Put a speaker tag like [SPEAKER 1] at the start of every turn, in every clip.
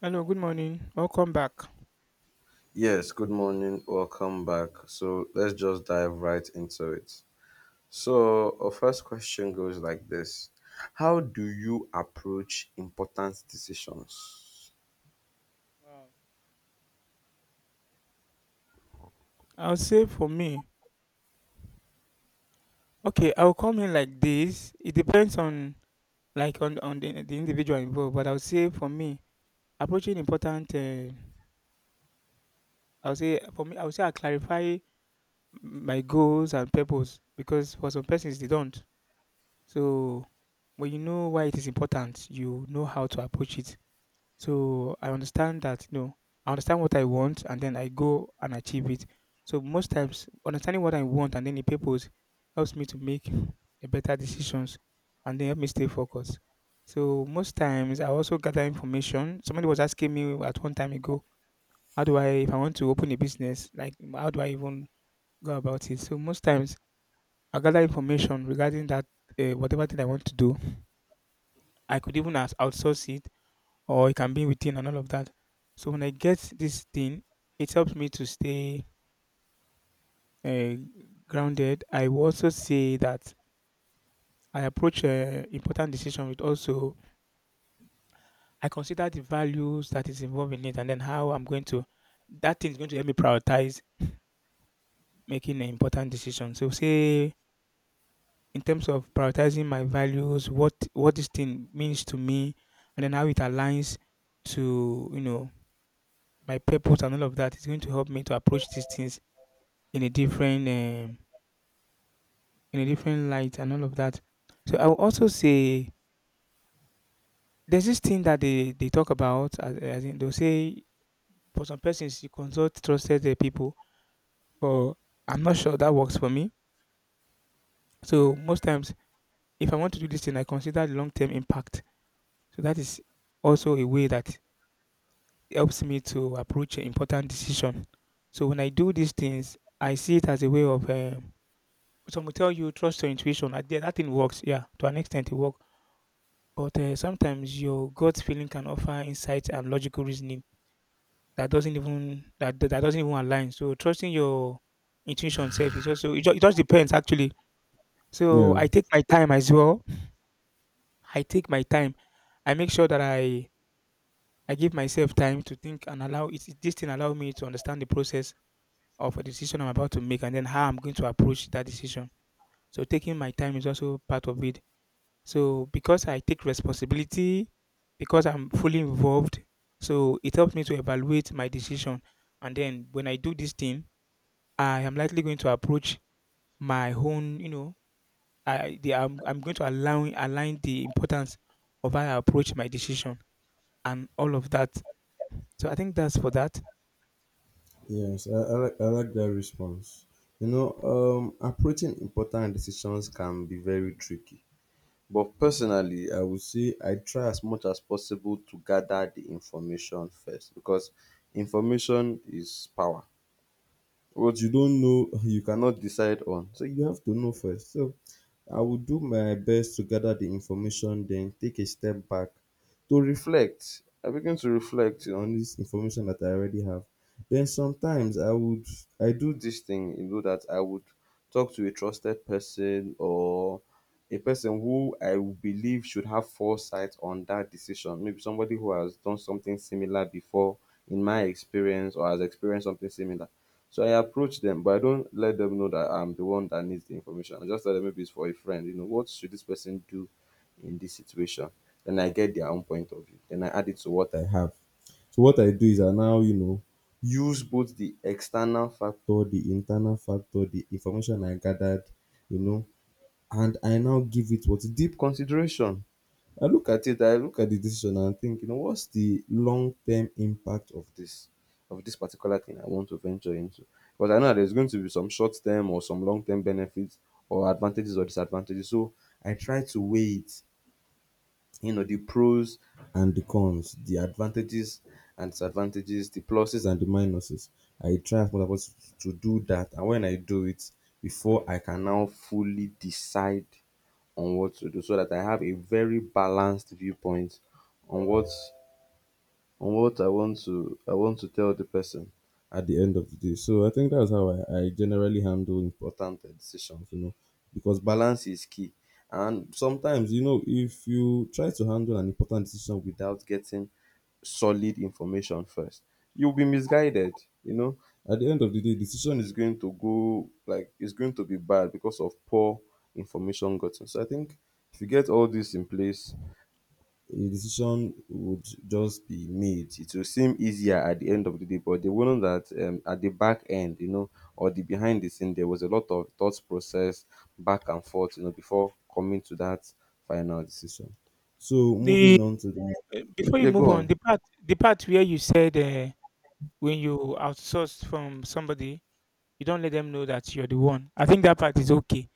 [SPEAKER 1] Hello, good morning. Welcome back.
[SPEAKER 2] Yes, good morning. Welcome back. So let's just dive right into it. So, our first question goes like this: how do you approach important decisions?
[SPEAKER 1] Wow. I'll say for me, okay, I'll come in like this. It depends on like on the individual involved, but I'll say for me, approaching important. I'll say for me, I'll say I clarify my goals and purpose because for some persons they don't. So when you know why it is important, you know how to approach it. So I understand that, I understand what I want and then I go and achieve it. So most times understanding what I want and then the purpose helps me to make a better decisions and then help me stay focused. So most times I also gather information. Somebody was asking me at one time ago, how do I if I want to open a business, like how do I even go about it? So most times I gather information regarding that whatever thing I want to do. I could even outsource it or it can be within and all of that. So when I get this thing, it helps me to stay uh, grounded. I will also say that I approach important decision with also I consider the values that is involved in it, and then how I'm going to that thing is going to help me prioritize making an important decision. So say in terms of prioritizing my values, what this thing means to me, and then how it aligns to my purpose and all of that is going to help me to approach these things in a different um, in a different light and all of that. So I will also say there's this thing that they talk about as in they'll say for some persons you consult trusted people, but I'm not sure that works for me. So most times if I want to do this thing, I consider the long term impact. So that is also a way that helps me to approach an important decision. So when I do these things, I see it as a way of some will tell you trust your intuition. I, yeah, that thing works, yeah, to an extent it works. But, sometimes your gut feeling can offer insight and logical reasoning that doesn't even that doesn't even align. So trusting your intuition self is also it just depends actually. So
[SPEAKER 2] Yeah,
[SPEAKER 1] I take my time as well. I take my time. I make sure that I give myself time to think and allow it. This thing allow me to understand the process of a decision I'm about to make and then how I'm going to approach that decision. So taking my time is also part of it. So because I take responsibility, because I'm fully involved, so it helps me to evaluate my decision. And then when I do this thing, I am likely going to approach my own, you know, I'm going to align the importance of how I approach my decision and all of that. So I think that's for that.
[SPEAKER 2] yes, I like I like that response. You know, approaching important decisions can be very tricky. But personally, I would say I try as much as possible to gather the information first because information is power. What you don't know you cannot decide on, so you have to know first. So I will do my best to gather the information, then take a step back to reflect. I begin to reflect on this information that I already have. Then sometimes I would, I do this thing, you know, that I would talk to a trusted person, or a person who I believe should have foresight on that decision, maybe somebody who has done something similar before in my experience, or has experienced something similar. So I approach them, but I don't let them know that I'm the one that needs the information. I just tell them maybe it's for a friend. You know, what should this person do in this situation? Then I get their own point of view. Then I add it to what I have. So what I do is I now, you know, use both the external factor, the internal factor, the information I gathered, you know, and I now give it what deep consideration. I look at it, I look at the decision and think, you know, what's the long term impact of this particular thing I want to venture into? Because I know there's going to be some short term or some long term benefits, or advantages or disadvantages. So I try to weigh it, you know, the pros and the cons, the advantages and disadvantages, the pluses and the minuses. I try as much as possible to do that. And when I do it, before I can now fully decide on what to do, so that I have a very balanced viewpoint on what I want to, I want to tell the person at the end of the day. So I think that's how I generally handle important decisions, you know, because balance is key. And sometimes, you know, if you try to handle an important decision without getting solid information first, you'll be misguided, you know. At the end of the day, decision is going to go, like, it's going to be bad because of poor information gotten. So I think if you get all this in place, a decision would just be made. It will seem easier at the end of the day, but they will know that at the back end, you know, or the behind the scene, there was a lot of thought process back and forth, you know, before coming to that final decision. So
[SPEAKER 1] The
[SPEAKER 2] moving on to the,
[SPEAKER 1] before you
[SPEAKER 2] yeah,
[SPEAKER 1] move
[SPEAKER 2] go
[SPEAKER 1] on,
[SPEAKER 2] on.
[SPEAKER 1] the part where you said when you outsource from somebody, you don't let them know that you're the one. I think that part is okay.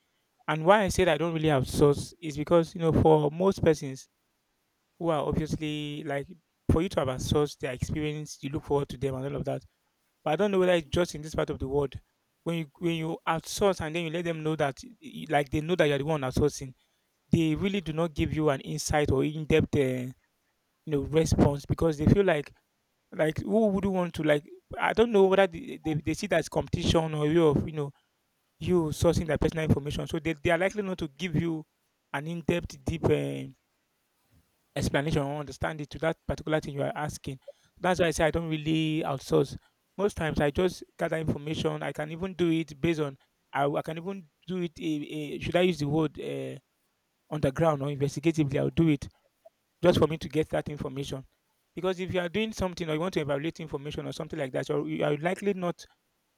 [SPEAKER 1] And why I said I don't really outsource is because, you know, for most persons who are obviously like for you to have outsourced their experience, you look forward to them and all of that. But I don't know whether it's just in this part of the world. When you outsource and then you let them know that like they know that you're the one outsourcing, they really do not give you an insight or in-depth you know response because they feel like who would want to like I don't know whether they see that as competition or way of you know you sourcing their personal information. So they are likely not to give you an in-depth, deep explanation or understanding to that particular thing you are asking. That's why I say I don't really outsource. Most times I just gather information. I can even do it based on, I can even do it, should I use the word underground or investigatively, I'll do it just for me to get that information. Because if you are doing something or you want to evaluate information or something like that, you are likely not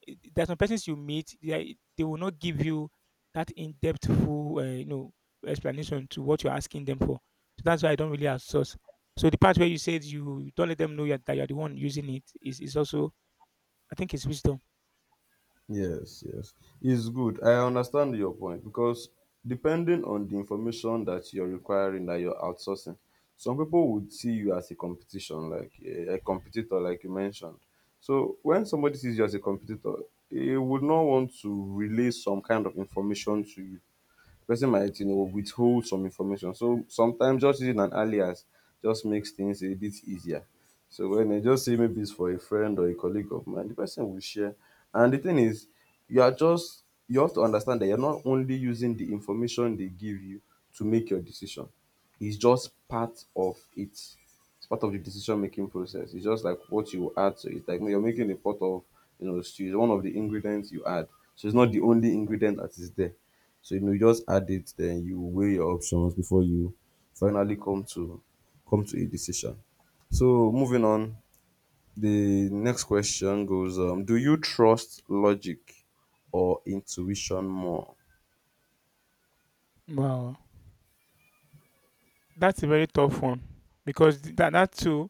[SPEAKER 1] there are some persons you meet they will not give you that in-depth full you know explanation to what you're asking them for. So that's why I don't really outsource. So the part where you said you don't let them know that you're the one using it is also I think it's wisdom.
[SPEAKER 2] Yes, yes. It's good. I understand your point because depending on the information that you're requiring, that you're outsourcing, some people would see you as a competition, like a competitor, like you mentioned. So when somebody sees you as a competitor, they would not want to relay some kind of information to you, person might, you know, withhold some information. So sometimes just using an alias just makes things a bit easier. So when I just say maybe it's for a friend or a colleague of mine, the person will share. And the thing is, you are just, you have to understand that you're not only using the information they give you to make your decision. It's just part of it. It's part of the decision making process. It's just like what you add to it. Like when you're making a pot of, you know, stew, it's one of the ingredients you add. So it's not the only ingredient that is there. So, you know, you just add it, then you weigh your options before you finally come to a decision. So moving on, the next question goes: do you trust logic or intuition more?
[SPEAKER 1] Wow, that's a very tough one because that too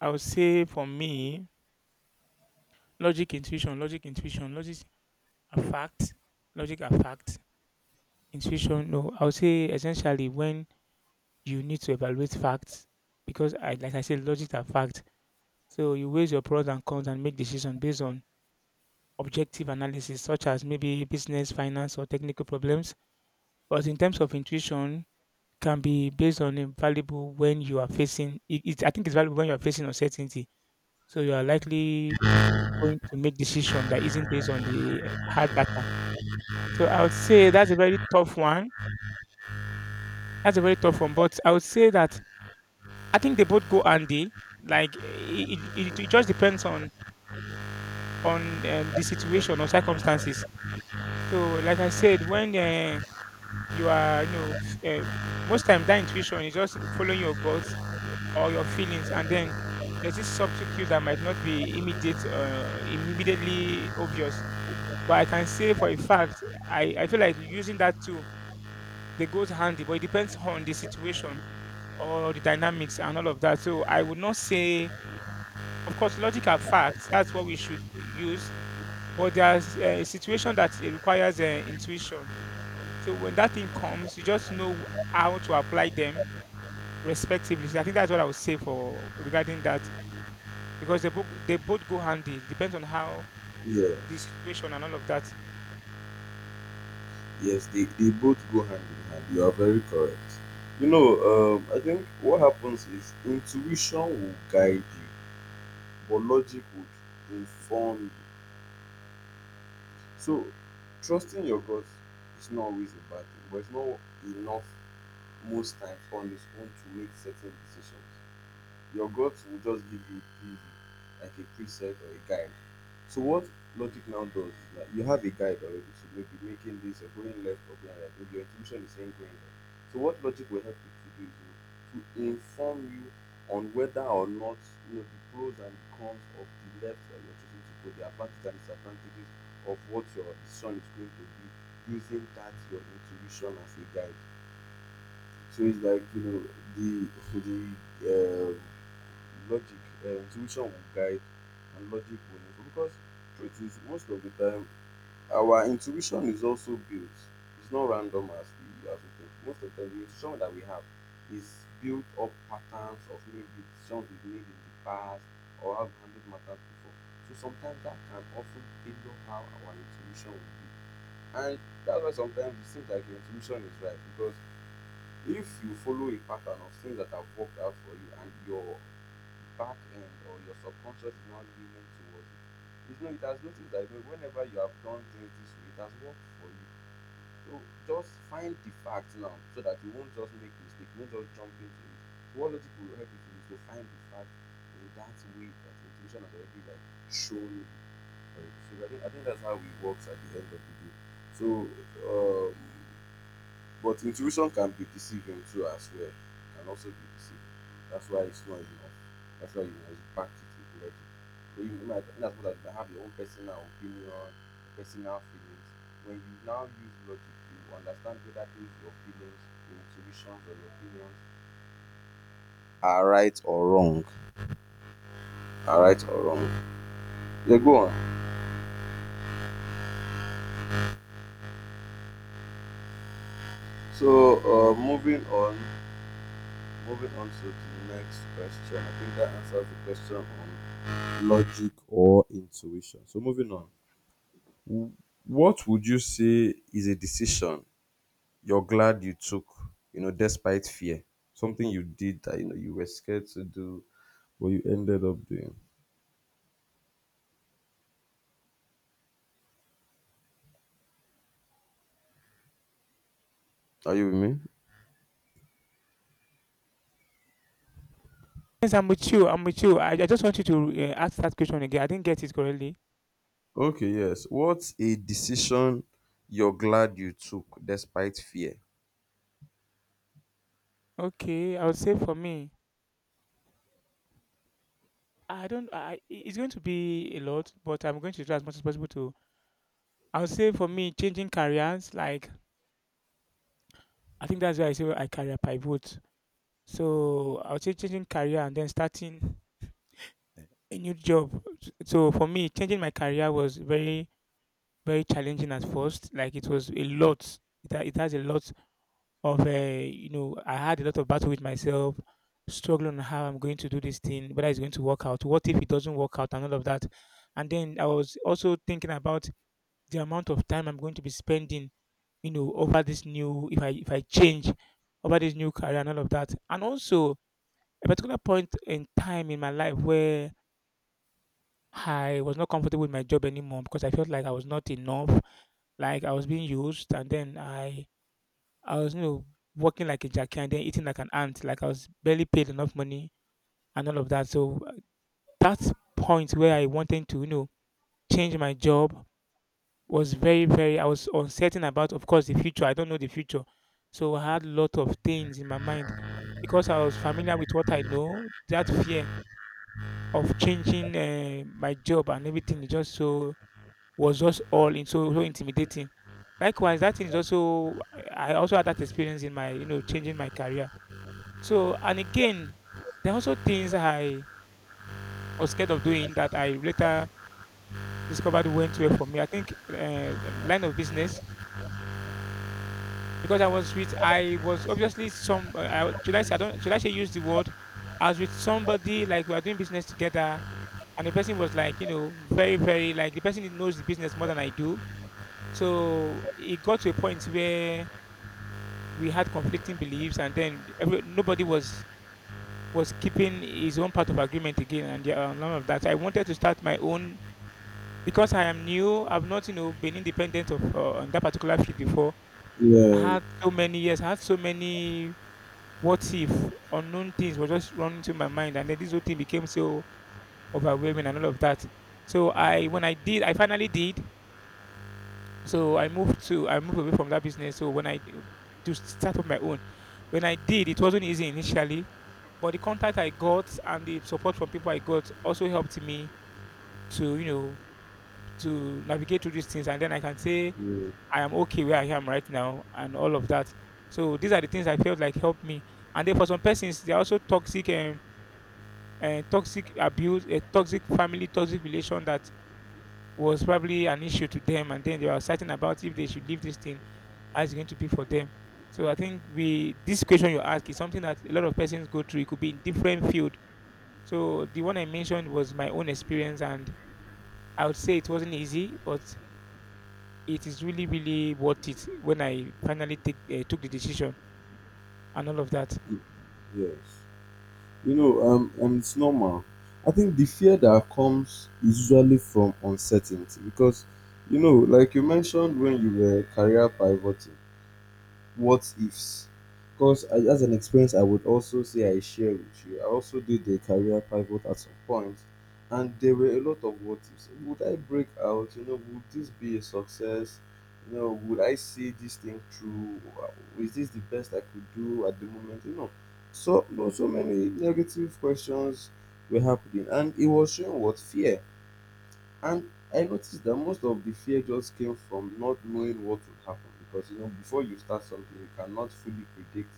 [SPEAKER 1] I would say for me, logic intuition logic intuition a fact logic a fact intuition no I would say essentially when you need to evaluate facts because I like I said, logic and fact. So you weigh your pros and cons and make decisions based on objective analysis, such as maybe business, finance, or technical problems. But in terms of intuition, can be based on invaluable when you are facing it, it I think it's valuable when you are facing uncertainty. So you are likely going to make decision that isn't based on the hard data. So I would say that's a very tough one. That's a very tough one. But I would say that I think they both go handy. Like it, it just depends on the situation or circumstances. So, like I said, when you are, you know, most times that intuition is just following your guts or your feelings, and then there's this subtle cues that might not be immediately obvious. But I can say for a fact, I feel like using that tool, they goes handy, but it depends on the situation or the dynamics and all of that. So I would not say. Of course, logic and facts, that's what we should use. But there's a situation that it requires intuition. So when that thing comes, you just know how to apply them respectively. So I think that's what I would say for regarding that because they both go handy. It depends on how
[SPEAKER 2] Yes.
[SPEAKER 1] the situation and all of that.
[SPEAKER 2] Yes, they both go hand in hand. You are very correct. You know, I think what happens is intuition will guide you, but logic would inform you. So, trusting your gut is not always a bad thing, but it's not enough most times on its own to make certain decisions. Your gut will just give you a preview, like a preset or a guide. So what logic now does is that you have a guide already, so maybe making this or going left or going right, maybe your intuition is saying going left. So what logic will help you to do is, you know, to inform you on whether or not, you know, the pros and cons of the left that you're choosing to go, the advantages and disadvantages of what your decision is going to be using that your intuition as a guide. So it's like, you know, the so the uh, logic, intuition will guide and logic will inform. Because truth is, most of the time our intuition is also built. It's not random as we think. Most of the time, the intuition that we have is built up patterns of maybe decisions we've made in the past, or how we handled matters before. So sometimes that can often tailor how our intuition will be. And that's why sometimes it seems like your intuition is right because if you follow a pattern of things that have worked out for you, and your back end or your subconscious is now leaning towards it. It's no, it has noticed that you whenever you have done things this way, it has worked for you. So just find the facts now so that you won't just make mistake. You won't just jump into it. So what logic will help you to is to find the fact in that way that your intuition has already, like, shown you already. So I think that's how it works at the end of the day. So um, but intuition can be deceiving too as well. It can also be deceiving. That's why it's not enough. That's why you must back it with logic. So you might, in as much as you might have your own personal opinion, personal feelings, when you now use logic, you understand whether those your feelings, your intuitions, or your opinions are right or wrong. Are right or wrong. Yeah, go on. So moving on to the next question. I think that answers the question on logic or intuition. So moving on. What would you say is a decision you're glad you took, you know, despite fear? Something you did that you know you were scared to do, but you ended up doing. Are you with me?
[SPEAKER 1] Yes, I'm with you. I'm with you. I just want you to ask that question again. I didn't get it correctly.
[SPEAKER 2] Okay, yes. What's a decision you're glad you took despite fear?
[SPEAKER 1] Okay, I would say for me, I don't. I, it's going to be a lot, but I'm going to try as much as possible to I would say for me, changing careers, like I think that's why I say I career pivot. So I would say changing career and then starting a new job. So for me, changing my career was very, very challenging at first. Like it was a lot. It has a lot of, you know, I had a lot of battle with myself, struggling on how I'm going to do this thing, whether it's going to work out, what if it doesn't work out, and all of that. And then I was also thinking about the amount of time I'm going to be spending, you know, over this new if I change over this new career and all of that. And also a particular point in time in my life where I was not comfortable with my job anymore because I felt like I was not enough, like I was being used, and then I was, you know, working like a jacket and then eating like an ant, like I was barely paid enough money and all of that. So that point where I wanted to change my job was very, very. I was uncertain about, of course, the future. I don't know the future. So I had a lot of things in my mind because I was familiar with what I know, that fear of changing my job and everything, it just so was just all in, so, so intimidating. Likewise that is also, I also had that experience in my changing my career. So and again, there are also things I was scared of doing that I later discovered went well for me, I think, line of business. Because I was with, I was obviously some, I, should I say, I don't, should I say, use the word, I was with somebody like we are doing business together, and the person was like, very, very, like the person knows the business more than I do. So it got to a point where we had conflicting beliefs, and then every, nobody was keeping his own part of agreement again. And yeah, none of that, I wanted to start my own because I am new, I've not been independent of, on that particular field before. I
[SPEAKER 2] Yeah,
[SPEAKER 1] had so many years, I had so many what if unknown things were just running through my mind, and then this whole thing became so overwhelming and all of that. So I, when I did I finally did, so I moved to I moved away from that business. So to start up my own. When I did, it wasn't easy initially, but the contact I got and the support from people I got also helped me to navigate through these things. And then I can say
[SPEAKER 2] yeah,
[SPEAKER 1] I am okay where I am right now and all of that. So these are the things I felt like helped me. And then for some persons, they're also toxic, toxic abuse, a toxic family, toxic relation that was probably an issue to them, and then they were certain about if they should leave this thing, how it's going to be for them. So I think we this question you ask is something that a lot of persons go through. It could be in different field. So the one I mentioned was my own experience, and I would say it wasn't easy, but it is really, really worth it when I finally took the decision and all of that.
[SPEAKER 2] y- yes. You know, and it's normal. I think the fear that comes is usually from uncertainty because, you know, like you mentioned when you were career pivoting. What ifs. Because as an experience I would also say I share with you, I also did a career pivot at some point, and there were a lot of what ifs. Would I break out, you know? Would this be a success? You know, would I see this thing through? Is this the best I could do at the moment, you know? So you, so many negative questions were happening, and it was showing what fear. And I noticed that most of the fear just came from not knowing what would happen, because you know, before you start something you cannot fully predict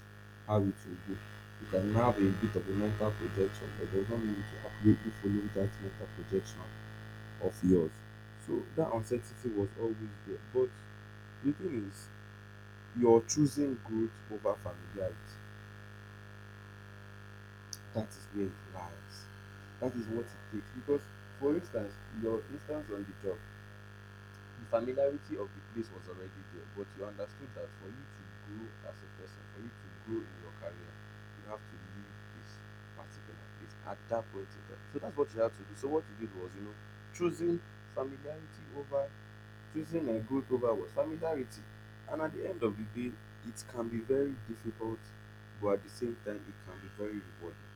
[SPEAKER 2] how it will go. You can have a bit of a mental projection, but does not mean you to accurately follow that mental projection of yours. So that uncertainty was always there. But the thing is, you're choosing growth over familiarity. That is where it lies. That is what it takes. Because, for instance, your instance on the job, the familiarity of the place was already there, but you understood that for you to grow as a person, for you to grow in your career, you have to leave this particular place at that point in time. So that's what you had to do. So what you did was, you know, choosing familiarity over, choosing a growth over was familiarity. And at the end of the day, it can be very difficult, but at the same time, it can be very rewarding.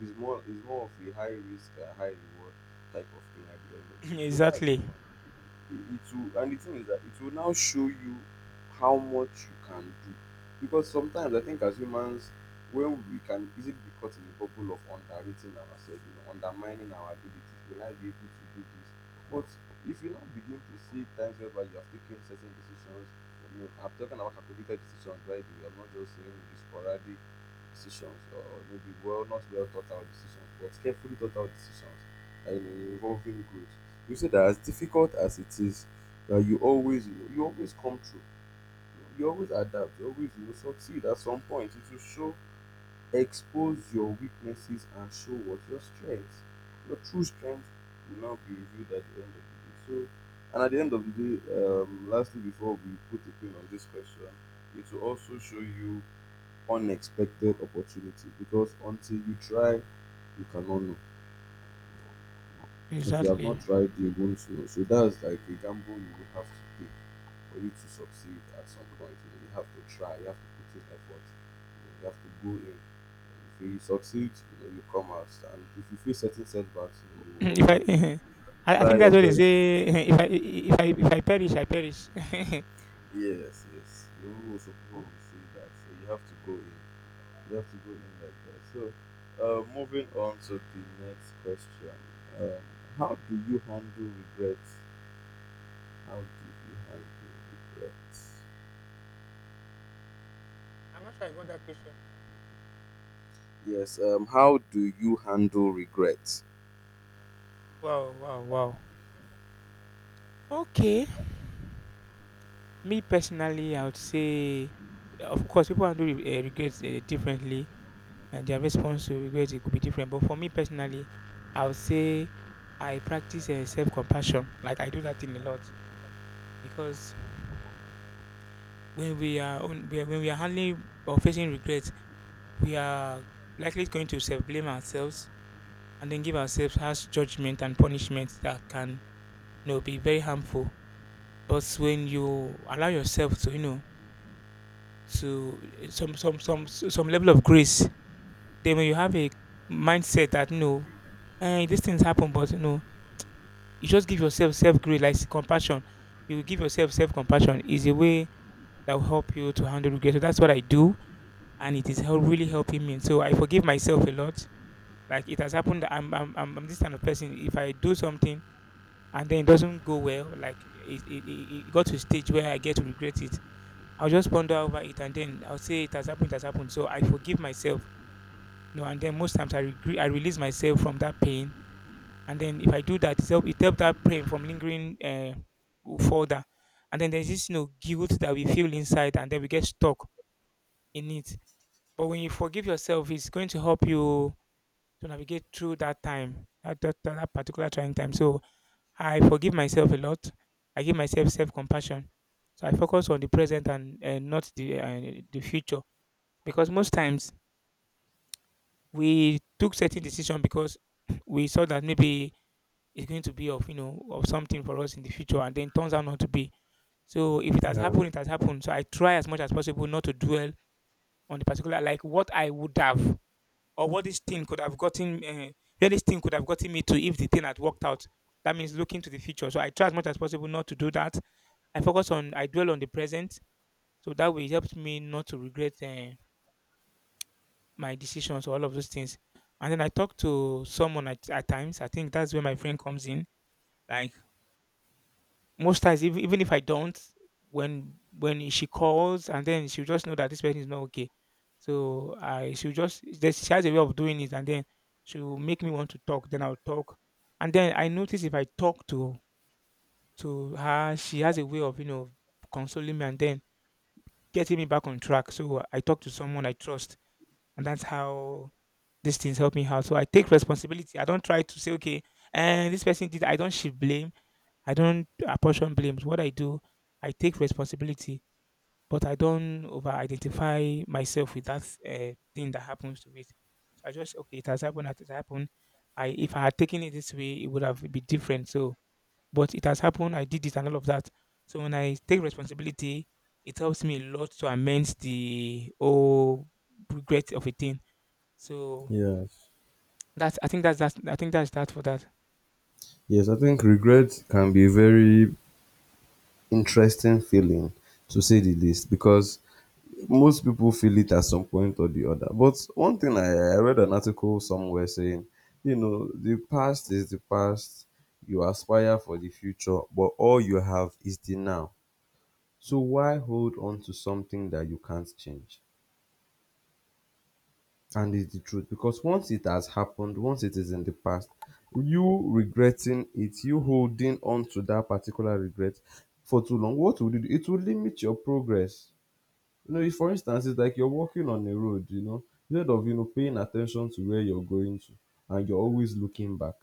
[SPEAKER 2] It's more, it's more of a high risk and high reward type of thing at the end of the day. So that's the
[SPEAKER 1] Exactly,
[SPEAKER 2] thing. It will, and the thing is that it will now show you how much you can do. Because sometimes I think as humans when we can easily be caught in the bubble of underrating ourselves, you know, undermining our abilities, will not be able to do this. But if you now begin to see times whereby you have taken certain decisions, you know, I'm talking about calculated decisions, by the way, I'm not just saying the sporadic decisions or maybe well not well thought out decisions but carefully thought out decisions that you know involving growth you see that as difficult as it is that you always you always come through you know, you always adapt you always you know, succeed at some point it will show expose your weaknesses and show what your strengths your true strength will now be revealed at the end of the day so and at the end of the day lastly before we put a pin on this question it will also show you unexpected opportunity because until you try, you cannot know. If you have not
[SPEAKER 1] exactly.
[SPEAKER 2] tried, you won't know. So that's like a gamble you will have to take for you to succeed at some point. You have to try, you have to put in effort, you have to go in. If you succeed, you come out, and if you face certain setbacks, you will
[SPEAKER 1] If I,
[SPEAKER 2] also
[SPEAKER 1] I
[SPEAKER 2] try
[SPEAKER 1] think
[SPEAKER 2] your
[SPEAKER 1] that's what they
[SPEAKER 2] best.
[SPEAKER 1] say, if I, if I perish, I perish. I'm
[SPEAKER 2] Yes, yes, you will also people will say that. So you have to go in. You have to go in like that. So, moving on to the next question. Um, how do you handle regrets? How do you handle regrets?
[SPEAKER 1] not sure I got that question.
[SPEAKER 2] Yes. How do you handle regrets?
[SPEAKER 1] Wow, wow, wow. Okay. Me personally, I would say, of course, people handle regrets differently, and their response to regrets, it could be different. But for me personally, I would say I practice self-compassion. Like I do that thing a lot because when we are handling or facing regrets, we are likely going to self-blame ourselves, and then give ourselves harsh judgment and punishment that can be very harmful. But when you allow yourself to to some level of grace, then when you have a mindset that these things happen, but you just give yourself self grace like compassion, you give yourself self compassion is a way that will help you to handle regret. So that's what I do, and it is really helping me. So I forgive myself a lot. Like it has happened, I'm this kind of person, if I do something and then it doesn't go well, like it got to a stage where I get to regret it, I'll just ponder over it and then I'll say it has happened, it has happened. So I forgive myself. No, and then most times I regret, I release myself from that pain. And then if I do that, it helps it help that pain from lingering further. And then there's this, guilt that we feel inside and then we get stuck in it. But when you forgive yourself, it's going to help you to navigate through that time, that particular trying time. So I forgive myself a lot. I give myself self compassion. So I focus on the present and not the the future, because most times we took certain decision because we saw that maybe it's going to be of of something for us in the future and then turns out not to be. So if it has
[SPEAKER 2] Yeah.
[SPEAKER 1] happened, it has happened. So I try as much as possible not to dwell on the particular, like what I would have or what this thing could have gotten, where this thing could have gotten me to if the thing had worked out. That means looking to the future. So I try as much as possible not to do that. I focus on, I dwell on the present. So that way it helps me not to regret my decisions or all of those things. And then I talk to someone at times. I think that's where my friend comes in. Like most times, even if I don't, when she calls and then she'll just know that this person is not okay. So I she'll just there's- she has a way of doing it, and then she'll make me want to talk. Then I'll talk. And then I notice if I talk to her, she has a way of, consoling me and then getting me back on track. So I talk to someone I trust, and that's how these things help me out. So I take responsibility. I don't try to say, okay, and this person did. I don't shift blame. I don't apportion blames. What I do, I take responsibility, but I don't over-identify myself with that thing that happens to it. So I just okay, it has happened. It has happened. I if I had taken it this way, it would have been different. So but it has happened. I did it and all of that. So when I take responsibility, it helps me a lot to amend the whole regret of a thing. So
[SPEAKER 2] Yes.
[SPEAKER 1] that's, I think that's that. I think that's that for that.
[SPEAKER 2] Yes, I think regret can be a very interesting feeling, to say the least, because most people feel it at some point or the other. But one thing I read an article somewhere saying, you know, the past is the past. You aspire for the future, but all you have is the now. So why hold on to something that you can't change? And it's the truth because once it has happened, once it is in the past, you regretting it, you holding on to that particular regret for too long, what would it do? It will limit your progress. You know, if for instance, it's like you're walking on a road, you know, instead of, you know, paying attention to where you're going to and you're always looking back,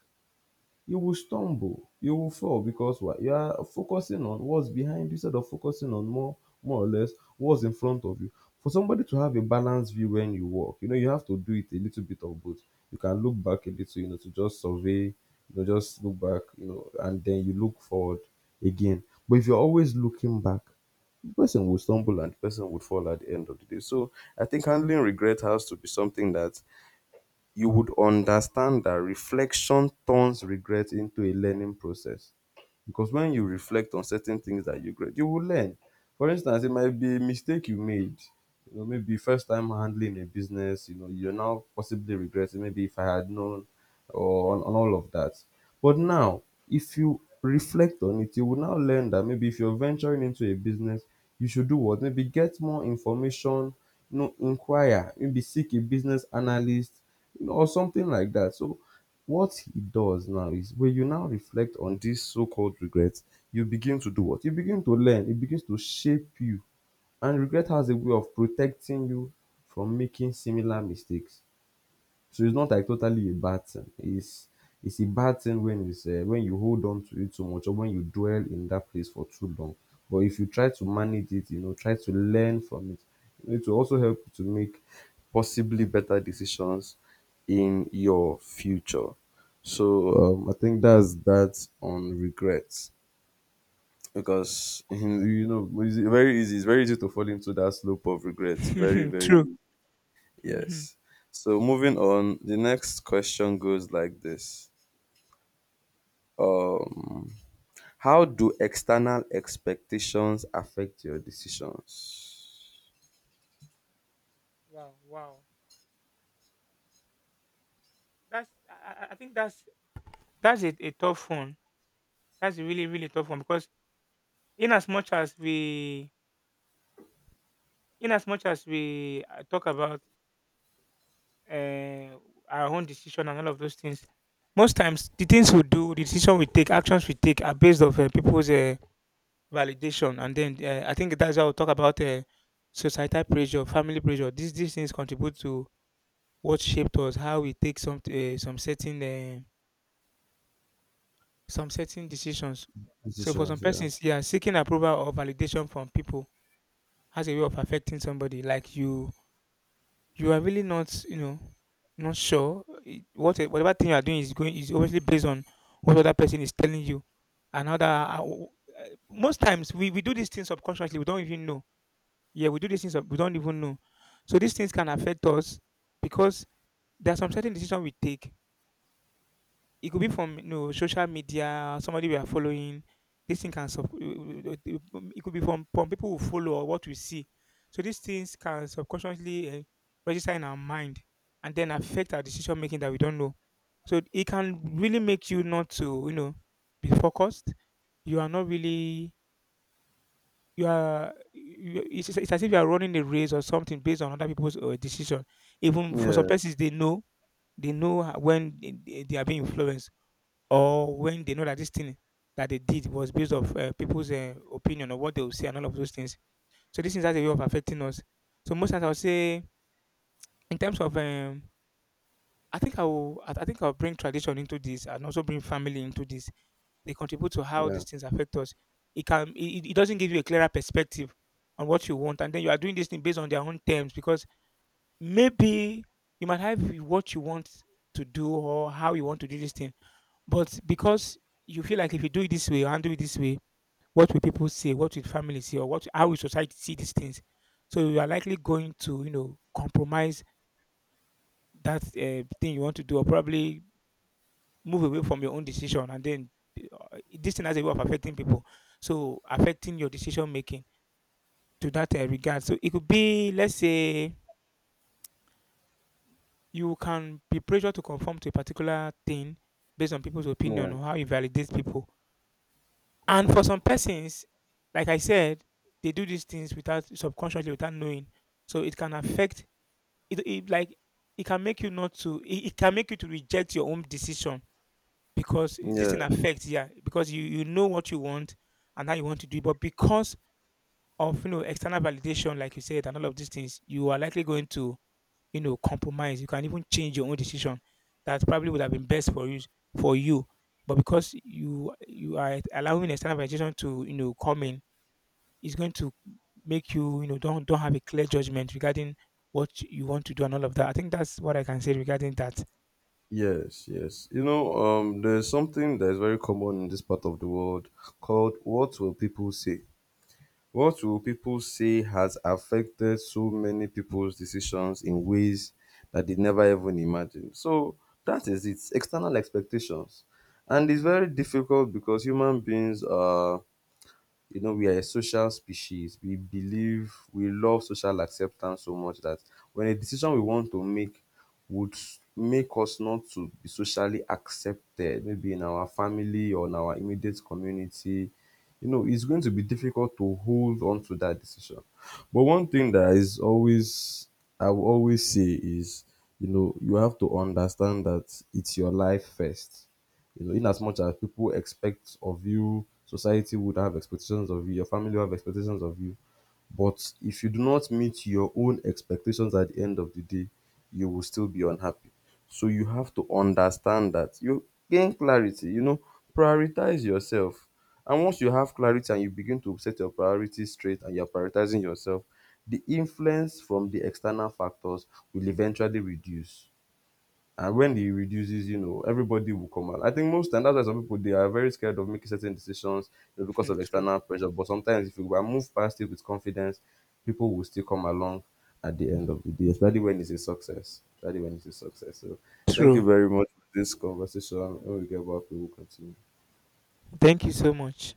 [SPEAKER 2] you will stumble, you will fall because what? You are focusing on what's behind you instead of focusing on more, more or less what's in front of you. For somebody to have a balanced view when you walk, you know, you have to do it a little bit of both. You can look back a little, you know, to just survey, you know, just look back, you know, and then you look forward again. But if you're always looking back, the person will stumble and the person would fall at the end of the day. So I think handling regret has to be something that you would understand that reflection turns regret into a learning process, because when you reflect on certain things that you regret, you will learn. For instance, it might be a mistake you made. You know, maybe first time handling a business, you know, you're now possibly regretting maybe if I had known or on all of that. But now, if you reflect on it, you will now learn that maybe if you're venturing into a business, you should do what? Maybe get more information, you know, inquire, maybe seek a business analyst, you know, or something like that. So what he does now is when you now reflect on these so-called regrets, you begin to do what? You begin to learn. It begins to shape you. And regret has a way of protecting you from making similar mistakes. So it's not like totally a bad thing. It's a bad thing when it's when you hold on to it too much or when you dwell in that place for too long. But if you try to manage it, you know, try to learn from it, it will also help you to make possibly better decisions in your future. So I think that's that on regrets because you know it's very easy. It's very easy to fall into that slope of regrets. Very
[SPEAKER 1] True.
[SPEAKER 2] very
[SPEAKER 1] Mhm.
[SPEAKER 2] Yes. So moving on, the next question goes like this. Um, how do external expectations affect your decisions?
[SPEAKER 1] Wow, wow. That's, I think that's a tough one. That's a really, really tough one, because in as much as we in as much as we talk about uh, our own decision and all of those things. Most times, the things we do, the decision we take, actions we take are based of people's validation, and then I think that's how we talk about societal pressure, family pressure. These things contribute to what shaped us, how we take some certain decisions. So for some
[SPEAKER 2] Decisions, yeah.
[SPEAKER 1] persons, yeah, seeking approval or validation from people has a way of affecting somebody. Like you are really not, not sure. Whatever thing you are doing is going is obviously based on what other person is telling you. Another most times we do these things subconsciously. We don't even know. Yeah, we do these things. We don't even know. So these things can affect us, because there are some certain decisions we take, it could be from, social media, somebody we are following. This thing can sub- it could be from people who follow or what we see. So these things can subconsciously register in our mind and then affect our decision making that we don't know. So it can really make you not to, be focused. You are not really, you are you, it's as if you are running a race or something based on other people's decision. Even for some persons,
[SPEAKER 2] Yes.
[SPEAKER 1] they know when they are being influenced, or when they know that this thing that they did was based off people's opinion or what they will say and all of those things. So this is has a way of affecting us. So most times I would say, in terms of, I think I will, I think I'll bring tradition into this and also bring family into this. They contribute to how
[SPEAKER 2] Yeah.
[SPEAKER 1] these things affect us. It can, it doesn't give you a clearer perspective on what you want, and then you are doing this thing based on their own terms, because maybe you might have what you want to do or how you want to do this thing. But because you feel like if you do it this way, you handle it this way, what will people say? What will family say? Or what? How will society see these things? So you are likely going to, compromise that thing you want to do, or probably move away from your own decision, and then this thing has a way of affecting people. So affecting your decision making to that regard. So it could be, let's say, you can be pressured to conform to a particular thing based on people's opinion
[SPEAKER 2] Yeah.
[SPEAKER 1] or how you validate people. And for some persons, like I said, they do these things without subconsciously without knowing. So it can affect it, it can make you not to, it can make you to reject your own decision, because this
[SPEAKER 2] Yeah.
[SPEAKER 1] thing affects, yeah, because you know what you want and how you want to do it, but because of external validation, like you said, and all of these things, you are likely going to compromise. You can even change your own decision that probably would have been best for you for you, but because you are allowing external validation to come in, it's going to make you you know don't have a clear judgment regarding what you want to do and all of that. I think that's what I can say regarding that.
[SPEAKER 2] Yes, yes. You know, there's something that is very common in this part of the world called what will people say? What will people say has affected so many people's decisions in ways that they never even imagined? So that is it, external expectations. And it's very difficult because human beings are you know, we are a social species. We believe we love social acceptance so much that when a decision we want to make would s- make us not to be socially accepted, maybe in our family or in our immediate community, you know, it's going to be difficult to hold on to that decision. But one thing that is always, I will always say is, you know, you have to understand that it's your life first. You know, in as much as people expect of you, society would have expectations of you, your family will have expectations of you. But if you do not meet your own expectations at the end of the day, you will still be unhappy. So you have to understand that you gain clarity, you know, prioritize yourself. And once you have clarity and you begin to set your priorities straight and you're prioritizing yourself, the influence from the external factors will eventually reduce. And when he reduces, you know, everybody will come out. I think most and that's why some people they are very scared of making certain decisions, you know, because
[SPEAKER 1] Hmm,
[SPEAKER 2] of
[SPEAKER 1] true.
[SPEAKER 2] external pressure. But sometimes if you move past it with confidence, people will still come along at the end of the day, especially when it's a success. Especially when it's a success. So thank you
[SPEAKER 1] True.
[SPEAKER 2] very much for this conversation. When we get back, we will continue.
[SPEAKER 1] Thank you so much.